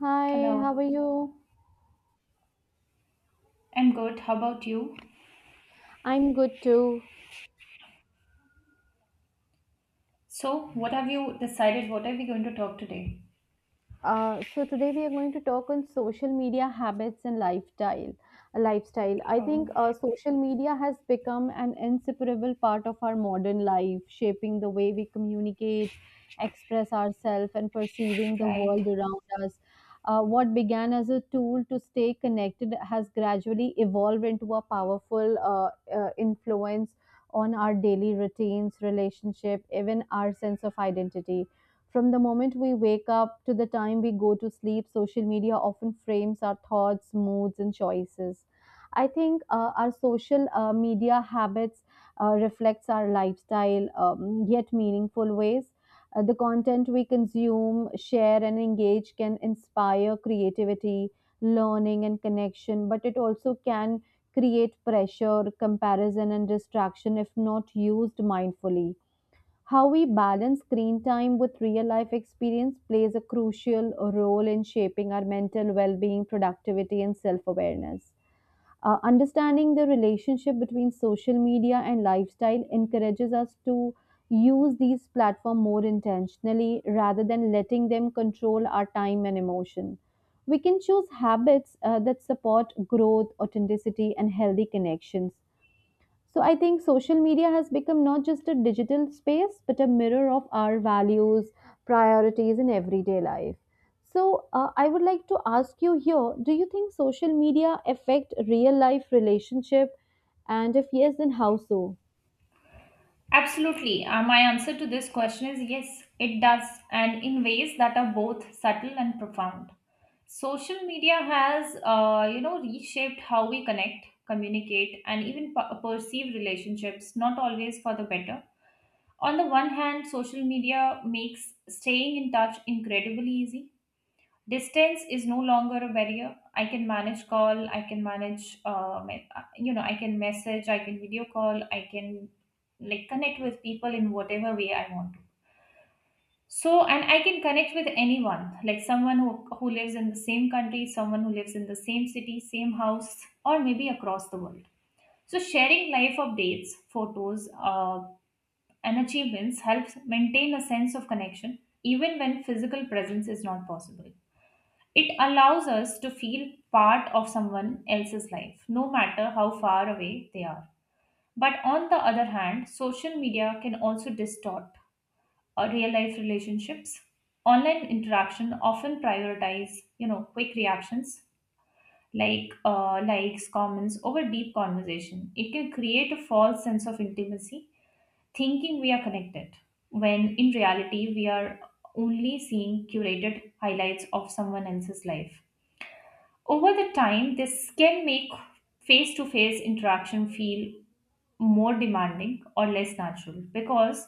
Hi, how are Hello, you? I'm good. How about you? I'm good too. So, what have you decided? What are we going to talk today? So today we are going to talk on social media habits and lifestyle. Lifestyle. I think Oh, uh, social media has become an inseparable part of our modern life, shaping the way we communicate, express ourselves, and perceiving the world right. around us. What began as a tool to stay connected has gradually evolved into a powerful influence on our daily routines, relationship, even our sense of identity. From the moment we wake up to the time we go to sleep, social media often frames our thoughts, moods, and choices. I think our social media habits reflects our lifestyle, yet meaningful ways. The content we consume, share, and engage can inspire creativity, learning, and connection, but it also can create pressure, comparison, and distraction if not used mindfully. How we balance screen time with real life experience plays a crucial role in shaping our mental well being, productivity, and self awareness. Understanding the relationship between social media and lifestyle encourages us to use these platforms more intentionally rather than letting them control our time and emotion. We can choose habits that support growth, authenticity, and healthy connections. So I think social media has become not just a digital space, but a mirror of our values, priorities in everyday life. So I would like to ask you here, do you think social media affect real life relationship? And if yes, then how so? Absolutely. My answer to this question is yes, it does, and in ways that are both subtle and profound. Social media has, reshaped how we connect, communicate, and even perceive relationships, not always for the better. On the one hand, social media makes staying in touch incredibly easy. Distance is no longer a barrier. I can manage, I can message, I can video call, I can like connect with people in whatever way I want to. So, and I can connect with anyone, like someone who lives in the same country, someone who lives in the same city, same house, or maybe across the world. So sharing life updates, photos, and achievements helps maintain a sense of connection even when physical presence is not possible. It allows us to feel part of someone else's life, no matter how far away they are. But on the other hand, social media can also distort our real life relationships. Online interaction often prioritize, you know, quick reactions like likes, comments over deep conversation. It can create a false sense of intimacy, thinking we are connected, when in reality we are only seeing curated highlights of someone else's life. Over the time, this can make face to face interaction feel more demanding or less natural because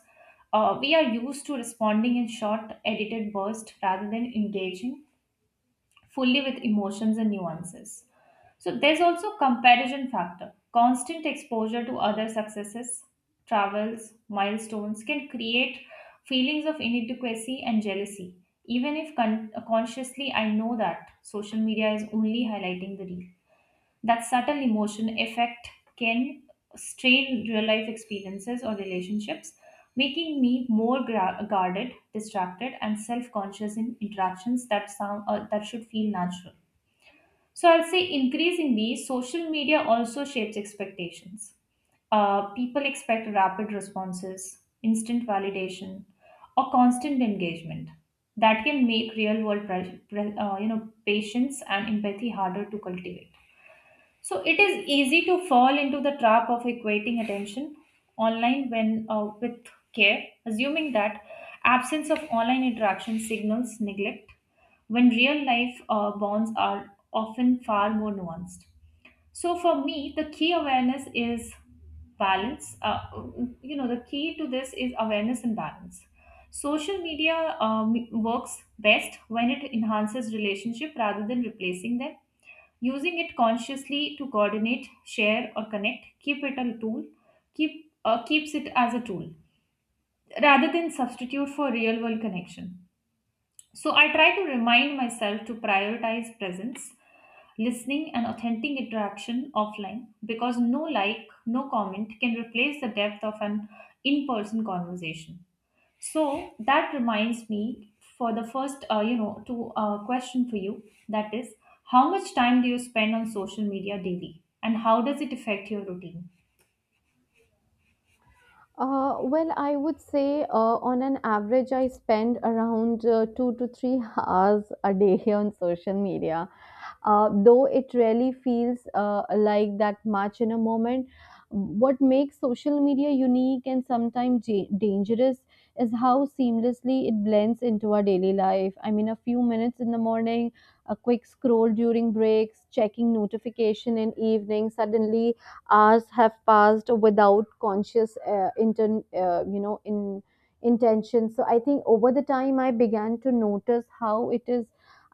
we are used to responding in short, edited bursts rather than engaging fully with emotions and nuances. So there's also comparison factor. Constant exposure to other successes, travels, milestones can create feelings of inadequacy and jealousy. Even if consciously I know that social media is only highlighting the real. That subtle emotion effect can strain real life experiences or relationships, making me more guarded, distracted, and self conscious in interactions that, sound, that should feel natural. So I'll say increasingly, social media also shapes expectations. People expect rapid responses, instant validation, or constant engagement. That can make real world, patience and empathy harder to cultivate. So it is easy to fall into the trap of equating attention online when with care, assuming that absence of online interaction signals neglect, when real life bonds are often far more nuanced. So for me, the key awareness is balance. You know, the key to this is awareness and balance. Social media works best when it enhances relationship rather than replacing them. Using it consciously to coordinate, share, or connect, keep it a tool, keep keeps it as a tool rather than substitute for real world connection. So I try to remind myself to prioritize presence, listening, and authentic interaction offline, because no like, no comment can replace the depth of an in person conversation. So that reminds me for the first, you know, to question for you. That is, how much time do you spend on social media daily, and how does it affect your routine? Well, I would say on an average, I spend around two to three hours a day on social media. Though it really feels like that much in a moment, what makes social media unique and sometimes dangerous is how seamlessly it blends into our daily life. I mean, a few minutes in the morning, a quick scroll during breaks, checking notification in evening, suddenly hours have passed without conscious inten- you know in intention so I think over the time I began to notice how it is.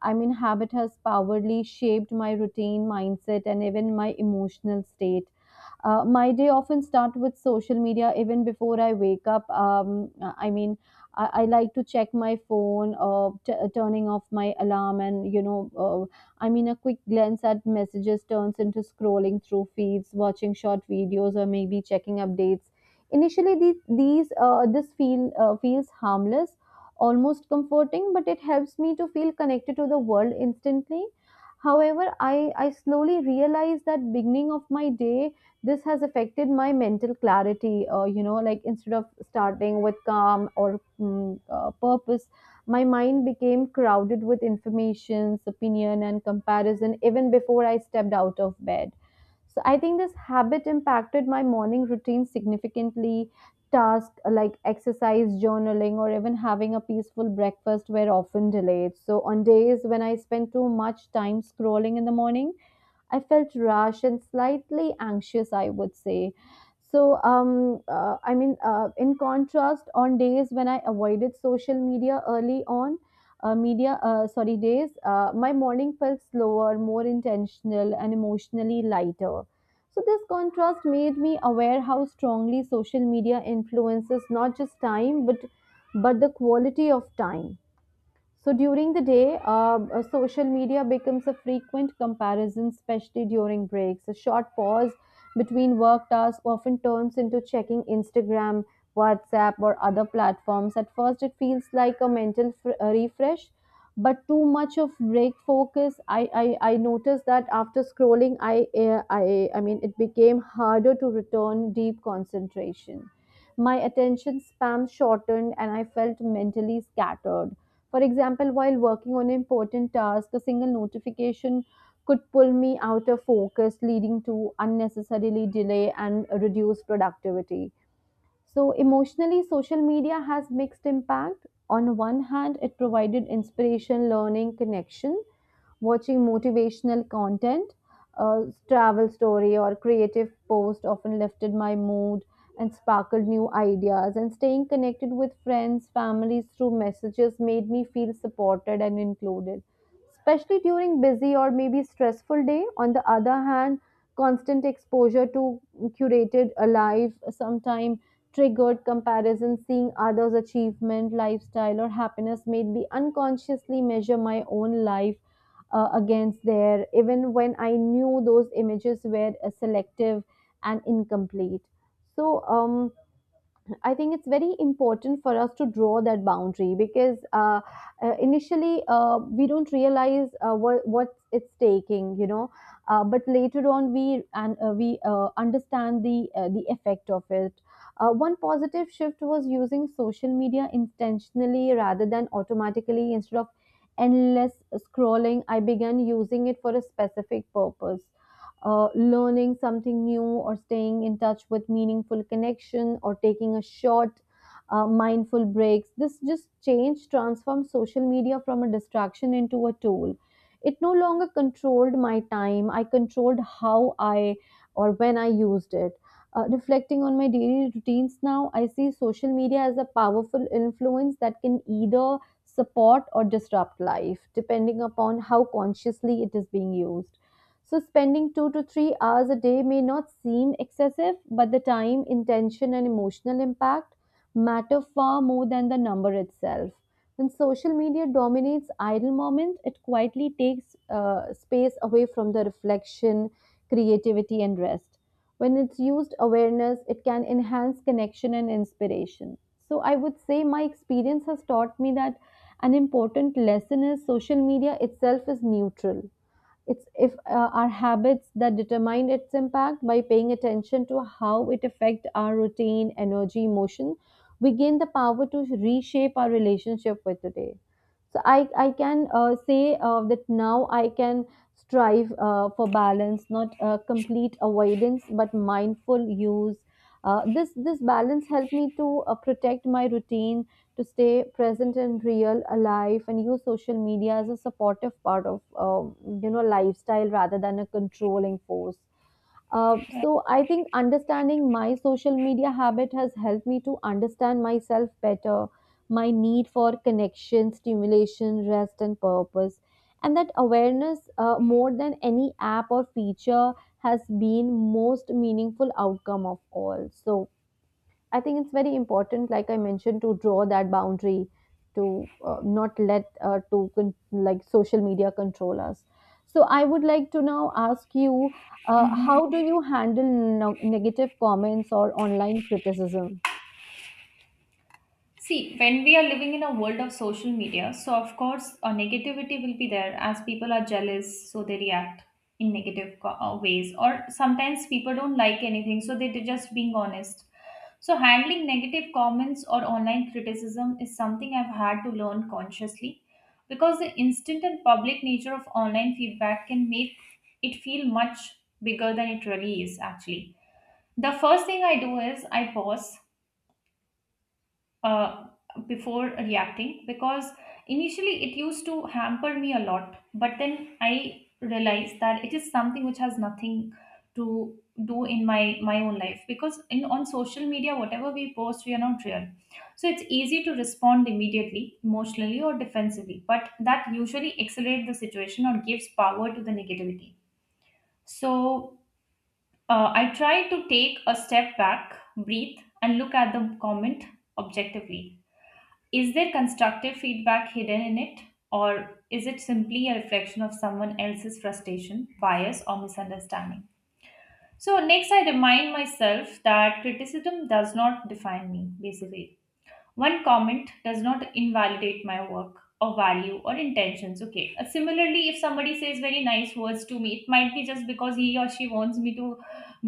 I mean, habit has powerfully shaped my routine, mindset, and even my emotional state. Uh, my day often starts with social media even before I wake up. I mean, I like to check my phone, turning off my alarm, and you know, I mean, a quick glance at messages turns into scrolling through feeds, watching short videos, or maybe checking updates. Initially, these this feel feels harmless, almost comforting, but it helps me to feel connected to the world instantly. However, I slowly realize that beginning of my day this has affected my mental clarity. You know, like instead of starting with calm or purpose, my mind became crowded with informations, opinion, and comparison even before I stepped out of bed. So I think this habit impacted my morning routine significantly. Tasks like exercise, journaling, or even having a peaceful breakfast were often delayed. So on days when I spent too much time scrolling in the morning, I felt rushed and slightly anxious, I would say. So in contrast, on days when I avoided social media early on, my morning felt slower, more intentional, and emotionally lighter. So, this contrast made me aware how strongly social media influences not just time, but the quality of time. So during the day, social media becomes a frequent comparison, especially during breaks. A short pause between work tasks often turns into checking Instagram, WhatsApp, or other platforms. At first, it feels like a mental refresh, but too much of break focus. I noticed that after scrolling, I mean, it became harder to return deep concentration. My attention span shortened, and I felt mentally scattered. For example, while working on an important task, a single notification could pull me out of focus, leading to unnecessarily delay and reduced productivity. So, emotionally, social media has mixed impact. On one hand, it provided inspiration, learning, connection. Watching motivational content, a travel story, or creative post often lifted my mood and sparkled new ideas. And staying connected with friends, families through messages made me feel supported and included, especially during busy or maybe stressful day. On the other hand, constant exposure to curated alive sometime triggered comparison. Seeing others achievement, lifestyle, or happiness made me unconsciously measure my own life against there, even when I knew those images were selective and incomplete. So I think it's very important for us to draw that boundary because initially we don't realize what it's taking, you know. But later on, we understand the the effect of it. One positive shift was using social media intentionally rather than automatically. Instead of endless scrolling, I began using it for a specific purpose, learning something new or staying in touch with meaningful connection or taking a short mindful breaks. This just change transforms social media from a distraction into a tool. It no longer controlled my time, I controlled how I or when I used it. Uh, reflecting on my daily routines now, I see social media as a powerful influence that can either support or disrupt life depending upon how consciously it is being used. So, spending 2 to 3 hours a day may not seem excessive, but the time, intention, and emotional impact matter far more than the number itself. When social media dominates idle moment, it quietly takes space away from the reflection, creativity, and rest. When it's used awareness, it can enhance connection and inspiration. So, I would say my experience has taught me that an important lesson is social media itself is neutral. It's if our habits that determine its impact. By paying attention to how it affect our routine, energy, emotion, we gain the power to reshape our relationship with today. So I can say that now I can strive for balance, not complete avoidance, but mindful use. This balance helped me to protect my routine, to stay present and real, alive, and use social media as a supportive part of you know, lifestyle rather than a controlling force. So I think understanding my social media habit has helped me to understand myself better, my need for connection, stimulation, rest, and purpose. And that awareness, more than any app or feature, has been most meaningful outcome of all. So I think it's very important, like I mentioned, to draw that boundary to not let to con- like social media control us. So I would like to now ask you, Mhm. how do you handle negative comments or online criticism? See, when we are living in a world of social media, so of course, negativity will be there as people are jealous, so they react in negative ways, or sometimes people don't like anything, so they're just being honest. So, handling negative comments or online criticism is something I've had to learn consciously because the instant and public nature of online feedback can make it feel much bigger than it really is, actually. The first thing I do is I pause uh, before reacting, because initially it used to hamper me a lot. But then I realized that it is something which has nothing to do in my own life, because in on social media whatever we post we are not real. So it's easy to respond immediately emotionally or defensively, but that usually accelerates the situation or gives power to the negativity. So I try to take a step back, breathe, and look at the comment objectively. Is there constructive feedback hidden in it, or is it simply a reflection of someone else's frustration, bias, or misunderstanding? So, next, I remind myself that criticism does not define me, basically. One comment does not invalidate my work or value or intentions. Okay. Similarly, if somebody says very nice words to me, it might be just because he or she wants me to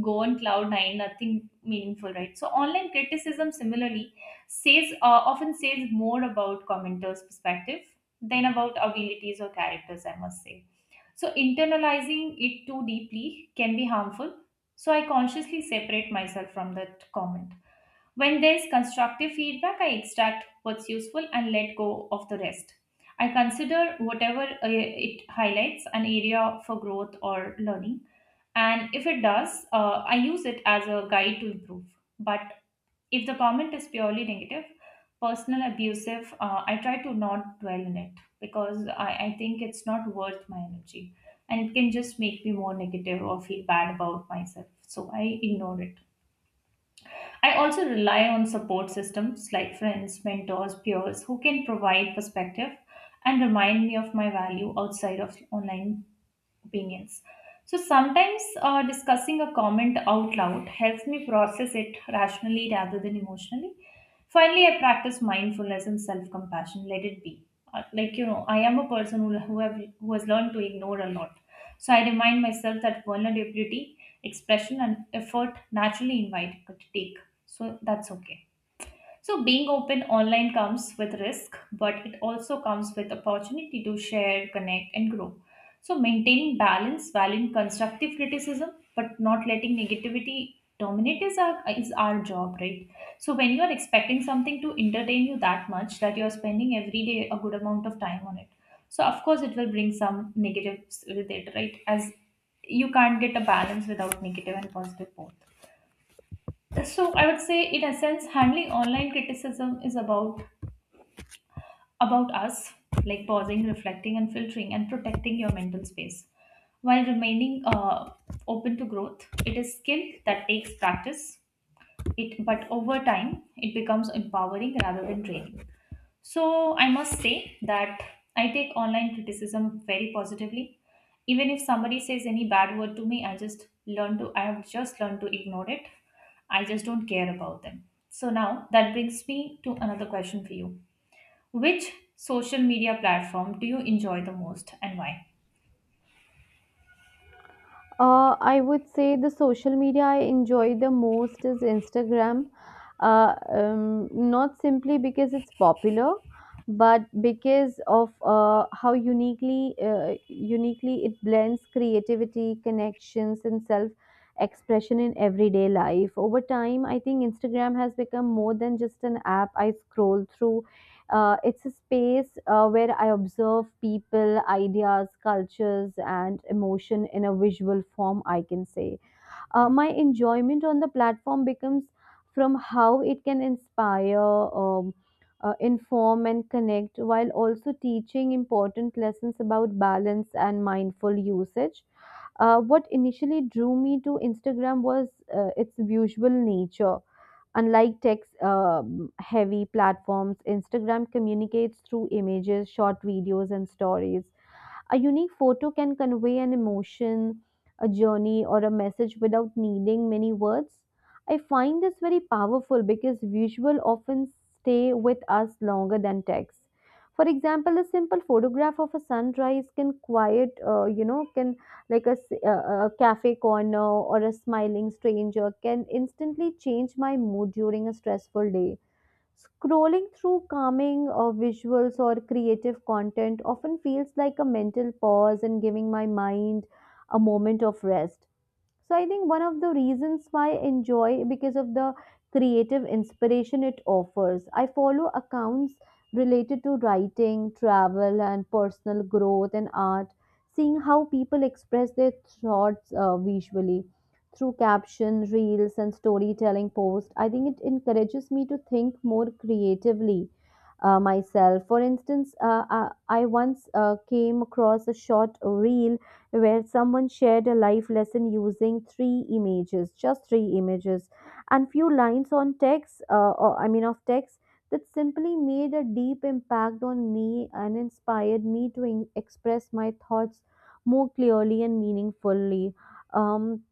go on cloud nine, nothing meaningful, right? So online criticism similarly says often says more about commenters' perspective than about abilities or characters, I must say. So internalizing it too deeply can be harmful. So I consciously separate myself from that comment. When there is constructive feedback, I extract what's useful and let go of the rest. I consider whatever it highlights an area for growth or learning. And if it does, I use it as a guide to improve. But if the comment is purely negative, personal, abusive, I try to not dwell in it because I think it's not worth my energy and it can just make me more negative or feel bad about myself. So I ignore it. I also rely on support systems like friends, mentors, peers who can provide perspective and remind me of my value outside of online opinions. So sometimes discussing a comment out loud helps me process it rationally rather than emotionally. Finally, I practice mindfulness and self-compassion. Let it be. Like you know, I am a person who has learned to ignore a lot. So I remind myself that vulnerability, expression, and effort naturally invite could take. So that's okay. So, being open online comes with risk, but it also comes with opportunity to share, connect, and grow. So, maintaining balance, valuing constructive criticism, but not letting negativity dominate is our job, right? So, when you are expecting something to entertain you that much that you are spending every day a good amount of time on it, so of course it will bring some negatives with it, right? As you can't get a balance without negative and positive both. So I would say, in essence, handling online criticism is about us, like pausing, reflecting, and filtering, and protecting your mental space while remaining open to growth. It is skill that takes practice. But over time, it becomes empowering rather than draining. So I must say that I take online criticism very positively. Even if somebody says any bad word to me, I have just learned to ignore it. I just don't care about them. So now that brings me to another question for you. Which social media platform do you enjoy the most and why? I would say the social media I enjoy the most is Instagram. Not simply because it's popular, but because of how uniquely it blends creativity, connections, and self expression in everyday life. Over time, I think Instagram has become more than just an app I scroll through. It's a space where I observe people, ideas, cultures, and emotion in a visual form, I can say. My enjoyment on the platform becomes from how it can inspire, inform, and connect while also teaching important lessons about balance and mindful usage. What initially drew me to Instagram was its visual nature. Unlike text heavy platforms, Instagram communicates through images, short videos, and stories. A unique photo can convey an emotion, a journey, or a message without needing many words. I find this very powerful because visual often stay with us longer than text. For example, a simple photograph of a sunrise can quiet, can like a, a cafe corner or a smiling stranger can instantly change my mood during a stressful day. Scrolling through calming visuals or creative content often feels like a mental pause and giving my mind a moment of rest. So I think one of the reasons why I enjoy because of the creative inspiration it offers. I follow accounts related to writing, travel, and personal growth, and art. Seeing how people express their thoughts visually through caption, reels, and storytelling posts, I think it encourages me to think more creatively myself. For instance, I once came across a short reel where someone shared a life lesson using three images, just three images, and few lines on text, or of text that simply made a deep impact on me and inspired me to express my thoughts more clearly and meaningfully. Um,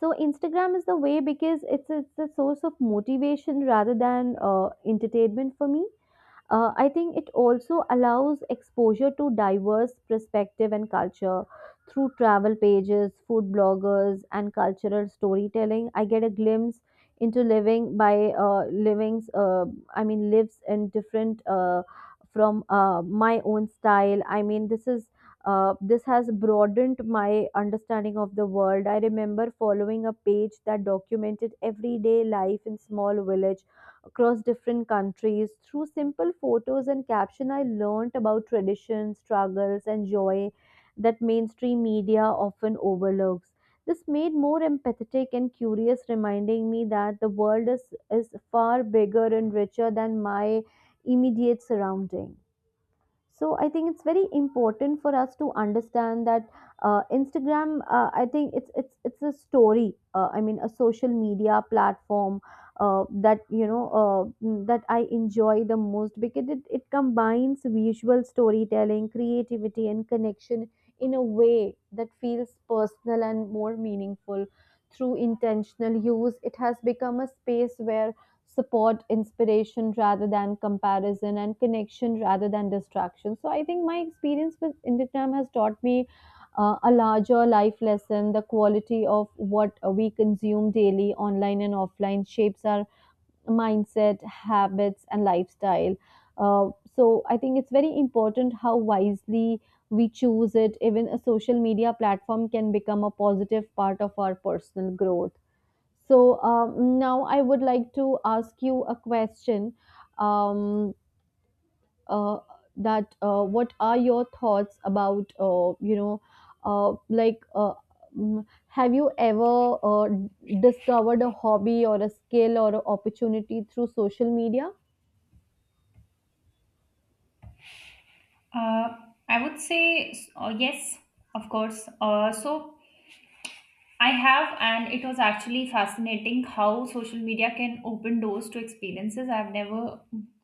so Instagram is the way because it's a source of motivation rather than entertainment for me. I think it also allows exposure to diverse perspective and culture through travel pages, food bloggers, and cultural storytelling. I get a glimpse into living by livings. Lives in different from my own style. I mean, this is. This has broadened my understanding of the world. I remember following a page that documented everyday life in small village across different countries. Through simple photos and caption, I learnt about traditions, struggles, and joy that mainstream media often overlooks. This made more empathetic and curious, reminding me that the world is far bigger and richer than my immediate surrounding. So I think it's very important for us to understand that. Instagram, I think it's a story I mean a social media platform that you know mm, that I enjoy the most because it combines visual storytelling creativity and connection in a way that feels personal and more meaningful. Through intentional use it has become a space where support inspiration rather than comparison and connection rather than distraction. So I think my experience with time has taught me a larger life lesson. The quality of what we consume daily online and offline shapes our mindset habits and lifestyle. uh, so I think it's very important how wisely we choose it. Even a social media platform can become a positive part of our personal growth. So now I would like to ask you a question. Um, uh, that What are your thoughts about, uh, like, uh, have you ever discovered a hobby or a skill or an opportunity through social media? Uh, I would say yes, of course. So I have, and it was actually fascinating how social media can open doors to experiences I've never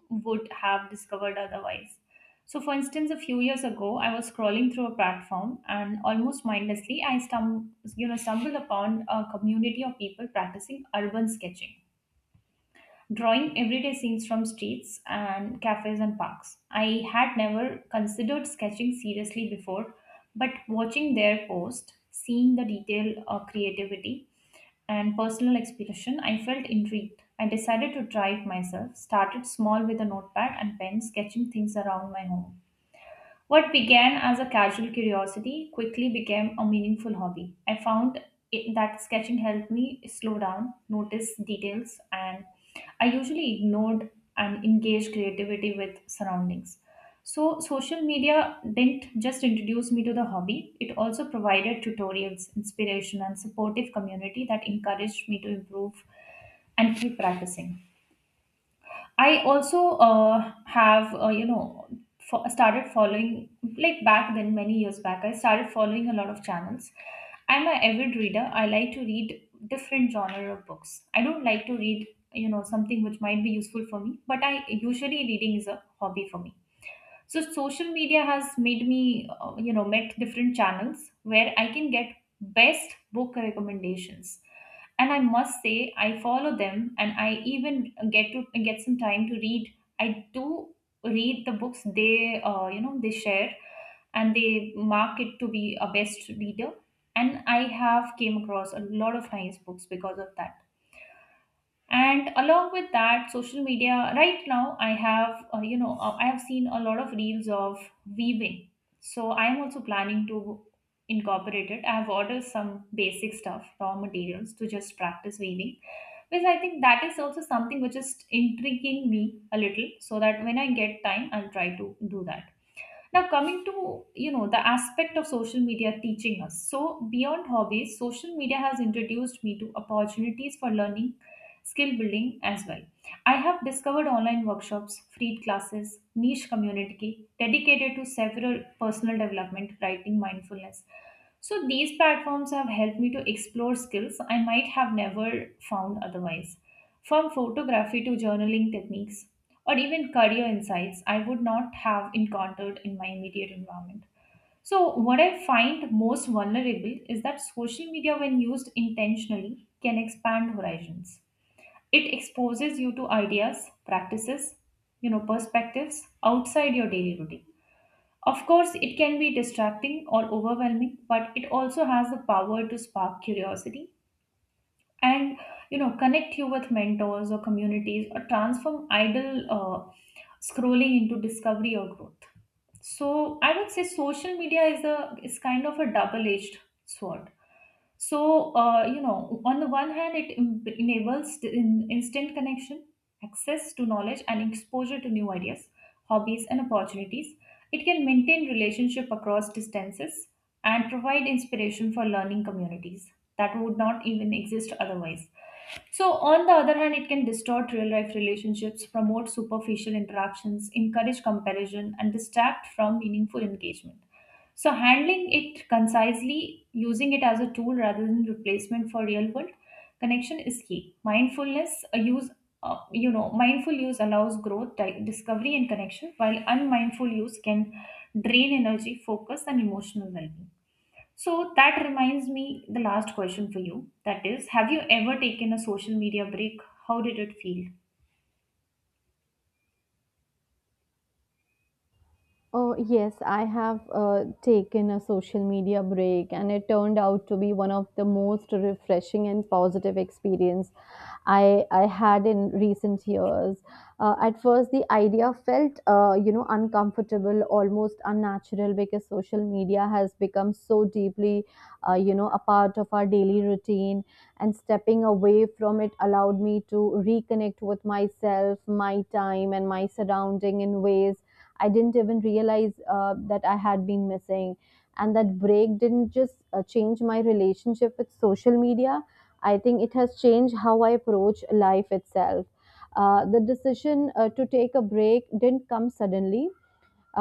would have discovered otherwise. So, for instance, a few years ago, I was scrolling through a platform, and almost mindlessly, I stumbled upon a community of people practicing urban sketching, drawing everyday scenes from streets and cafes and parks. I had never considered sketching seriously before, but watching their post, seeing the detail or creativity and personal exploration, I felt intrigued. I decided to try it myself, started small with a notepad and pen, sketching things around my home. What began as a casual curiosity quickly became a meaningful hobby. I found it, that sketching helped me slow down, notice details, and I usually ignored and engaged creativity with surroundings. So, social media didn't just introduce me to the hobby, it also provided tutorials, inspiration, and supportive community that encouraged me to improve and keep practicing. I also have you know fo- started following, like back then many years back. I started following a lot of channels. I'm an avid reader. I like to read different genre of books. I don't like to read you know something which might be useful for me, but I usually reading is a hobby for me. So social media has made me, met different channels where I can get best book recommendations. And I must say I follow them, and I even get to get some time to read. I do read the books they they share, and they mark it to be a best reader, and I have came across a lot of nice books because of that. And along with that social media right now, I have, I have seen a lot of reels of weaving. So I am also planning to incorporate it. I have ordered some basic stuff, raw materials, to just practice weaving because I think that is also something which is intriguing me a little, so that when I get time I'll try to do that. Now, coming to you know the aspect of social media teaching us. So beyond hobbies, social media has introduced me to opportunities for learning, skill building as well. I have discovered online workshops, free classes, niche community dedicated to several personal development, writing, mindfulness, so these platforms have helped me to explore skills I might have never found otherwise. From photography to journaling techniques, or even career insights I would not have encountered in my immediate environment. So, what I find most vulnerable is that social media, when used intentionally, can expand horizons. It exposes you to ideas, practices, you know, perspectives outside your daily routine. Of course, it can be distracting or overwhelming, but it also has the power to spark curiosity and you know connect you with mentors or communities or transform idle scrolling into discovery or growth. So I would say social media is a is kind of a double edged sword. So, you know, on the one hand, it enables instant connection, access to knowledge, and exposure to new ideas, hobbies, and opportunities. It can maintain relationship across distances and provide inspiration for learning communities that would not even exist otherwise. So, on the other hand, it can distort real life relationships, promote superficial interactions, encourage comparison, and distract from meaningful engagement. So handling it concisely, using it as a tool rather than replacement for real world connection is key. Mindfulness a use, you know, mindful use allows growth, discovery, and connection, while unmindful use can drain energy, focus, and emotional well-being. So that reminds me the last question for you. That is, have you ever taken a social media break? How did it feel? Oh, yes, I have taken a social media break, and it turned out to be one of the most refreshing and positive experiences I had in recent years. At first, the idea felt uncomfortable, almost unnatural, because social media has become so deeply a part of our daily routine. And stepping away from it allowed me to reconnect with myself, my time, and my surrounding in ways I didn't even realize that I had been missing. And that break didn't just change my relationship with social media, I think it has changed how I approach life itself. The decision to take a break didn't come suddenly.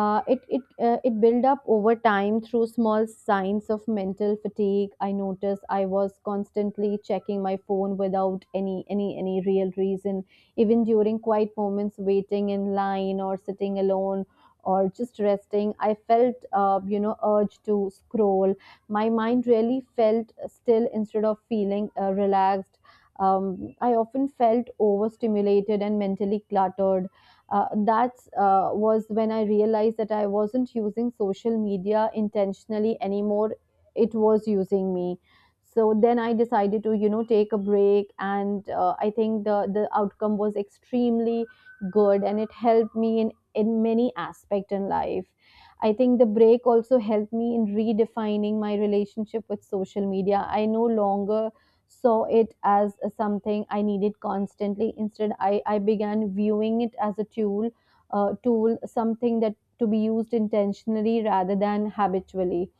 It built up over time through small signs of mental fatigue. I noticed I was constantly checking my phone without any real reason, even during quiet moments, waiting in line or sitting alone or just resting. I felt urge to scroll. My mind really felt still instead of feeling relaxed. I often felt overstimulated and mentally cluttered. Uh, that's was when I realized that I wasn't using social media intentionally anymore. It was using me. So then I decided to take a break, and I think the outcome was extremely good and it helped me in many aspect in life. I think the break also helped me in redefining my relationship with social media. I no longer saw it as something I needed constantly. Instead, I began viewing it as a tool, tool, something that to be used intentionally rather than habitually.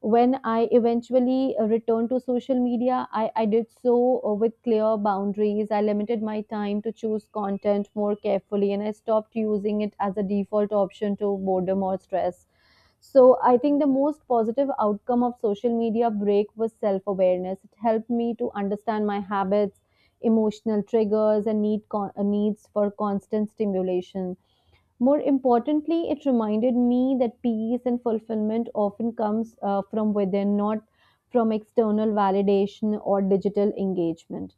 When I eventually returned to social media, I did so with clear boundaries. I limited my time to choose content more carefully and I stopped using it as a default option to boredom or stress. So I think the most positive outcome of social media break was self awareness. It helped me to understand my habits, emotional triggers, and needs for constant stimulation. More importantly, it reminded me that peace and fulfillment often comes from within, not from external validation or digital engagement.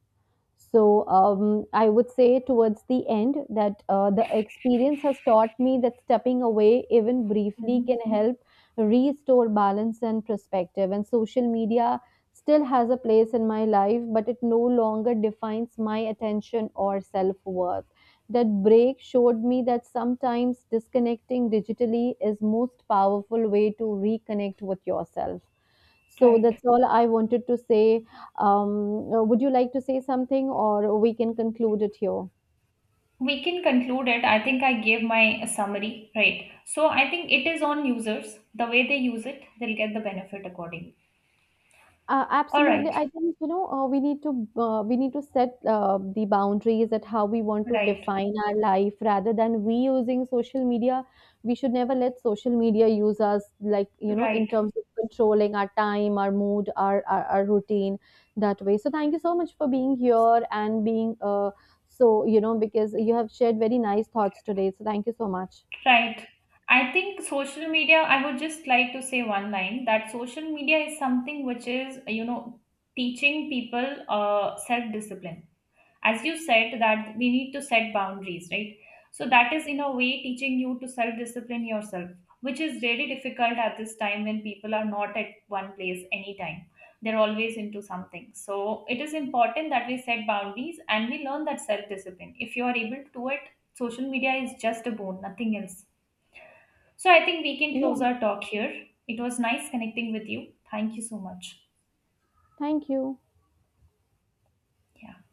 So I would say towards the end that the experience has taught me that stepping away, even briefly, can Hmm. help restore balance and perspective. And social media still has a place in my life, but it no longer defines my attention or self worth. That break showed me that sometimes disconnecting digitally is most powerful way to reconnect with yourself. So Right. that's all I wanted to say. Would you like to say something, or we can conclude it here? We can conclude it. I think I gave my summary, right? So I think it is on users. The way they use it, they'll get the benefit accordingly. Uh, All absolutely. right. I think we need to set the boundaries at how we want to Right. define our life rather than we using social media. We should never let social media use us, like in Right. terms of controlling our time, our mood, our routine that way. So thank you so much for being here and being because you have shared very nice thoughts today. So thank you so much. Right. I think social media, I would just like to say one line, that social media is something which is you know teaching people self discipline, as you said that we need to set boundaries, right? So that is in a way teaching you to self discipline yourself, which is really difficult at this time when people are not at one place anytime, they're always into something. So it is important that we set boundaries and we learn that self discipline. If you are able to do it, social media is just a bone, nothing else. So I think we can close Yeah, our talk here. It was nice connecting with you. Thank you so much. thank you. Yeah.